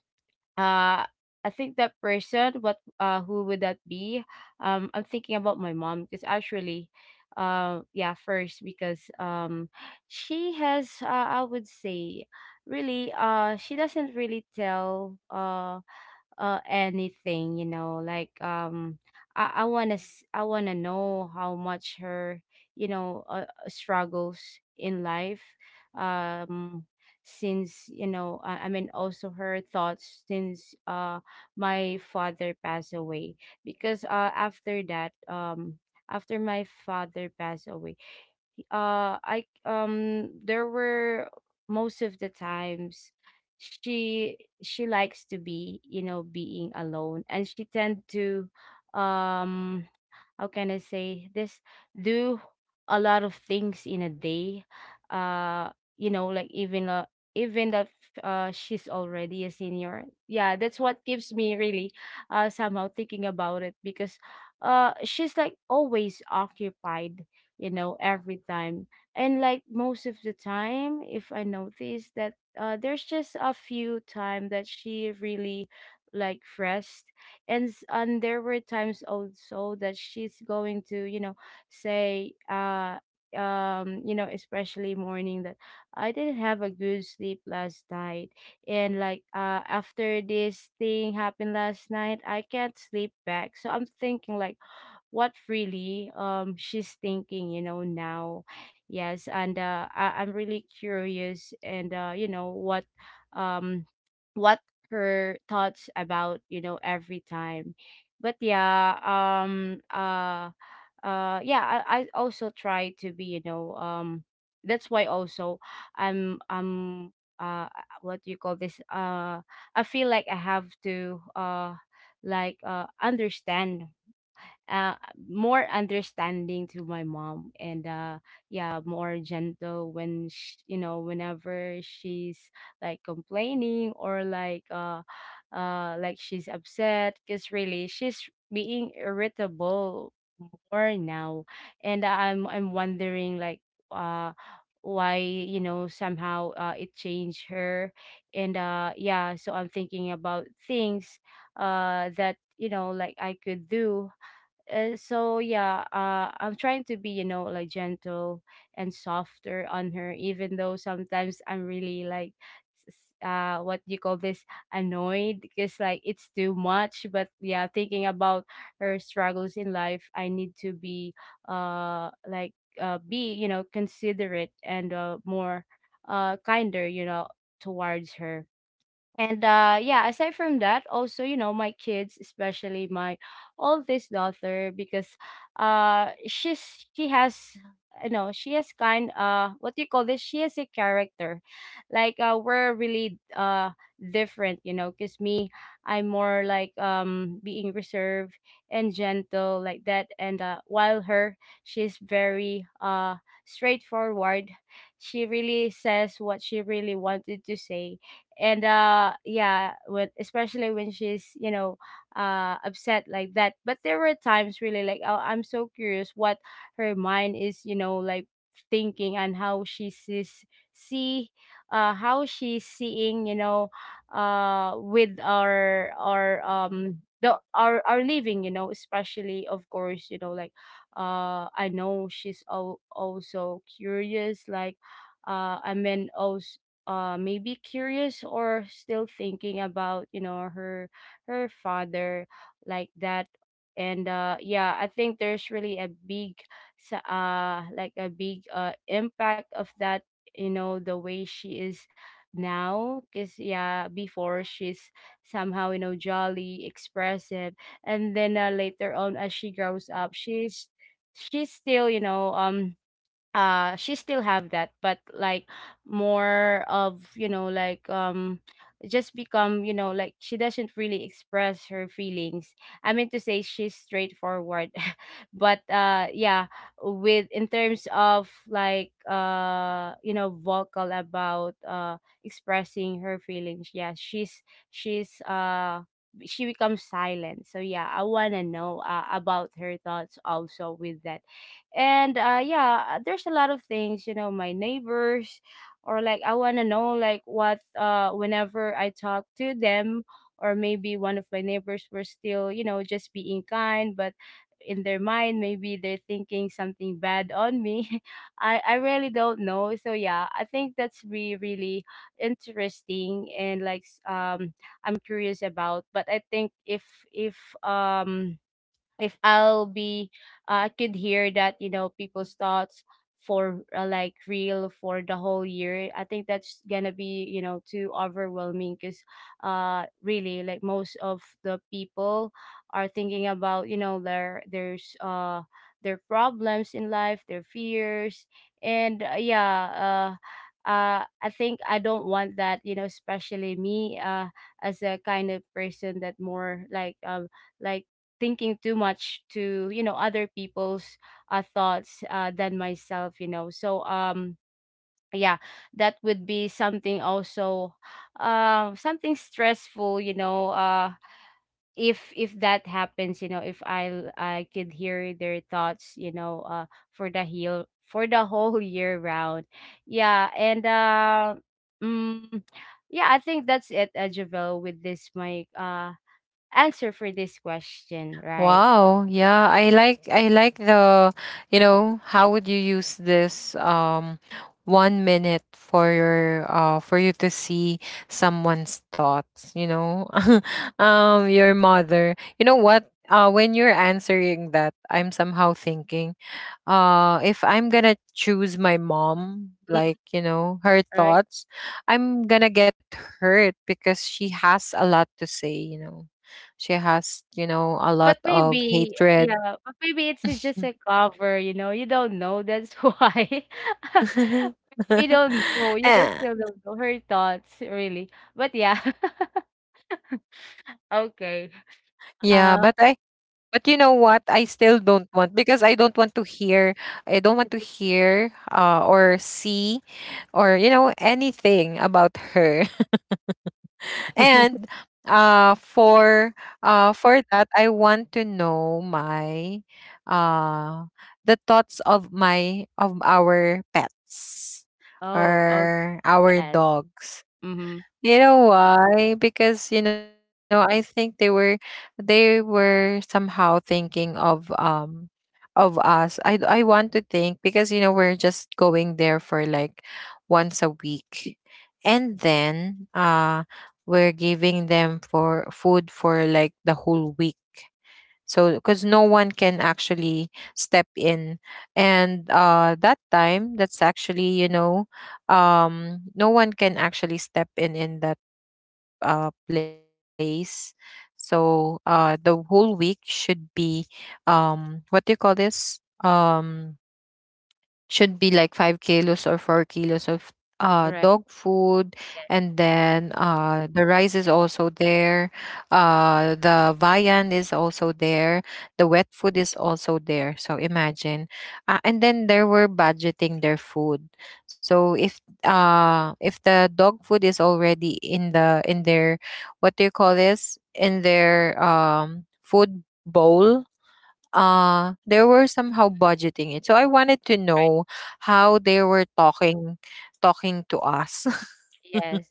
S2: uh, I think that person, what who would that be? Um, I'm thinking about my mom, because actually yeah, first, because she has I would say, really, she doesn't really tell anything, you know, like um, I want to, I want to know how much her, you know, struggles in life, um since, you know, I mean also her thoughts since my father passed away. Because after that, after my father passed away, I there were, most of the times she she likes to be, you know, being alone, and she tend to, um how can I say this, do a lot of things in a day. Uh you know, like even even that she's already a senior. Yeah, that's what keeps me really somehow thinking about it, because she's like always occupied, you know, every time. And like most of the time if I notice that there's just a few time that she really like rest. And and there were times also that she's going to, you know, say you know, especially morning, that I didn't have a good sleep last night, and like after this thing happened last night, I can't sleep back, so I'm thinking like, what really, she's thinking, you know, now. Yes, and I'm really curious, and, uh, you know what, um what her thoughts about, you know, every time. But yeah, yeah, I also try to be, you know, that's why also I'm uh what do you call this, I feel like I have to understand, uh, more understanding to my mom, and yeah, more gentle when sh you know, whenever she's like complaining, or like she's upset, because really she's being irritable more now. And I'm wondering like, uh why, you know, somehow it changed her. And yeah, so I'm thinking about things that, you know, like I could do. So yeah, I'm trying to be, you know, like gentle and softer on her, even though sometimes I'm really like, s- what do you call this, annoyed, because like it's too much. But yeah, thinking about her struggles in life, I need to be, uh, like, be, you know, considerate, and more, kinder, you know, towards her. And yeah, aside from that, also, you know, my kids, especially my oldest daughter, because she has, you know, she has kind, what do you call this? She has a character. Like we're really different, you know, because me, I'm more like, being reserved and gentle like that. And while her, she's very straightforward. She really says what she really wanted to say. And yeah, when especially when she's, you know, upset like that. But there were times really like, oh, I'm so curious what her mind is, you know, like thinking, and how she sees, see, how she's seeing, you know, with our living, you know, especially, of course, you know, like I know she's also curious, like I mean, also maybe curious, or still thinking about, you know, her, her father like that. And yeah, I think there's really a big, like a big impact of that, you know, the way she is now. Because yeah, before she's somehow, you know, jolly, expressive, and then later on, as she grows up, she's still, you know, she still have that, but like more of, you know, like, just become, you know, like she doesn't really express her feelings. I mean to say she's straightforward but yeah, with in terms of like, you know, vocal about expressing her feelings, yeah she's, she becomes silent. So yeah, I want to know, about her thoughts also with that. And yeah, there's a lot of things, you know, my neighbors, or like I want to know, like what whenever I talk to them, or maybe one of my neighbors were still, you know, just being kind, but in their mind, maybe they're thinking something bad on me I really don't know. So yeah, I think that's really really interesting, and like I'm curious about. But I think if um if I'll be, I could hear that, you know, people's thoughts for, like real, for the whole year, I think that's gonna be, you know, too overwhelming. Because, really, like most of the people are thinking about, you know, their problems in life, their fears, and uh, yeah, uh. I think I don't want that, you know, especially me, as a kind of person that more like, like thinking too much to, you know, other people's thoughts than myself, you know. So yeah, that would be something also, something stressful, you know, if that happens, you know, if I could hear their thoughts, you know, for the whole year round. Yeah, and mm, yeah, I think that's it, Javel, with this my answer for this question, right?
S1: Wow. Yeah, I like, the, you know, how would you use this one minute for your for you to see someone's thoughts, you know? Your mother. You know what? When you're answering that, I'm somehow thinking if I'm gonna choose my mom, like, you know, her
S2: Right.
S1: thoughts, I'm gonna get hurt, because she has a lot to say, you know, she has, you know, a lot
S2: But
S1: of
S2: maybe,
S1: hatred.
S2: yeah, but maybe it's just a cover, you know. You don't know. That's why we don't know. You don't
S1: Eh,
S2: still don't know her thoughts, really. But yeah.
S1: yeah, but I but you know what, I still
S2: Okay.
S1: don't want, because I don't
S2: Uh
S1: want to hear, I don't want to hear or see or you know anything about her. And uh for for that I want to know my, uh the thoughts of my of our pets,
S2: oh, okay.
S1: or our
S2: Yes.
S1: dogs.
S2: Mm-hmm.
S1: You know why? Because you know I think they were, they were somehow thinking of us. I want to think, because you know we're just going there for like once a week, and then we're giving them for food for like the whole week. So because no one can actually step in, and that time, that's actually, you know, no one can actually step in that place. So the whole week should be what do you call this um should be like 5 kilos or 4 kilos of dog
S2: Right.
S1: food. And
S2: Yes.
S1: then the rice is also there, the viand is also there, the wet food is also there. So imagine, and then there were budgeting their food. So if the dog food is already in the in their, what do you call this, in their food bowl, they were somehow budgeting it. So I wanted to know how they were talking to us.
S2: Yes.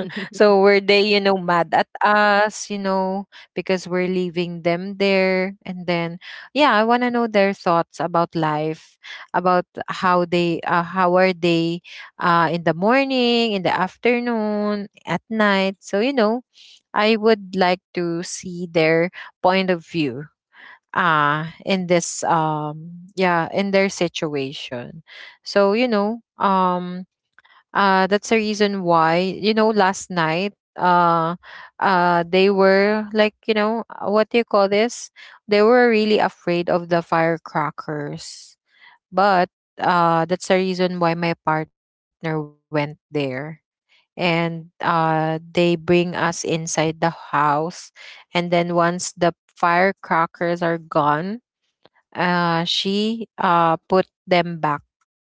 S1: So were they, you know, mad at us, you know, because we're leaving them there? And then, yeah, I want to know their thoughts about life, about how they, how are they, in the morning, in the afternoon, at night. So you know, I would like to see their point of view, in this, yeah, in their situation. So you know, that's the reason why you know last night, they were like, you know, what do you call this, they were really afraid of the firecrackers. But that's the reason why my partner went there, and they bring us inside the house. And then once the firecrackers are gone, she put them back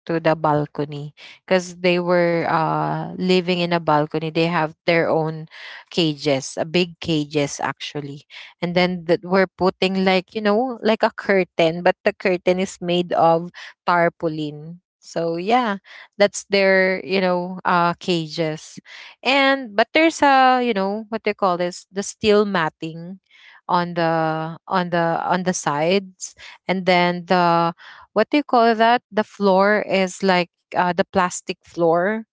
S1: to the balcony, because they were living in a balcony. They have their own cages, a big cages actually. And then that we're putting like, you know, like a curtain, but the curtain is made of tarpaulin. So yeah, that's their, you know, cages. And but there's a, you know, what they call this, the steel matting on the on the sides. And then the, what do you call that, the floor is like the plastic floor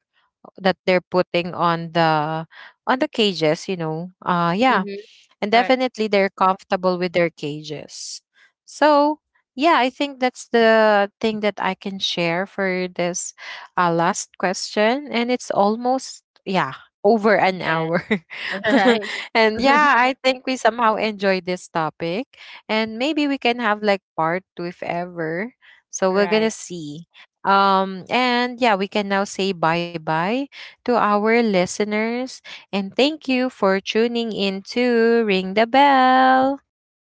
S1: that they're putting on the cages, you know, yeah.
S2: Mm-hmm.
S1: And
S2: All right.
S1: definitely they're comfortable with their cages. So, yeah, I think that's the thing that I can share for this last question. And it's almost, yeah, over an
S2: Yes.
S1: hour.
S2: All right.
S1: And yeah, I think we somehow enjoyed this topic. And maybe we can have like part two if ever. So, we're going to
S2: Right.
S1: see. And yeah, we can now say bye bye to our listeners. And thank you for tuning in to Ring the Bell.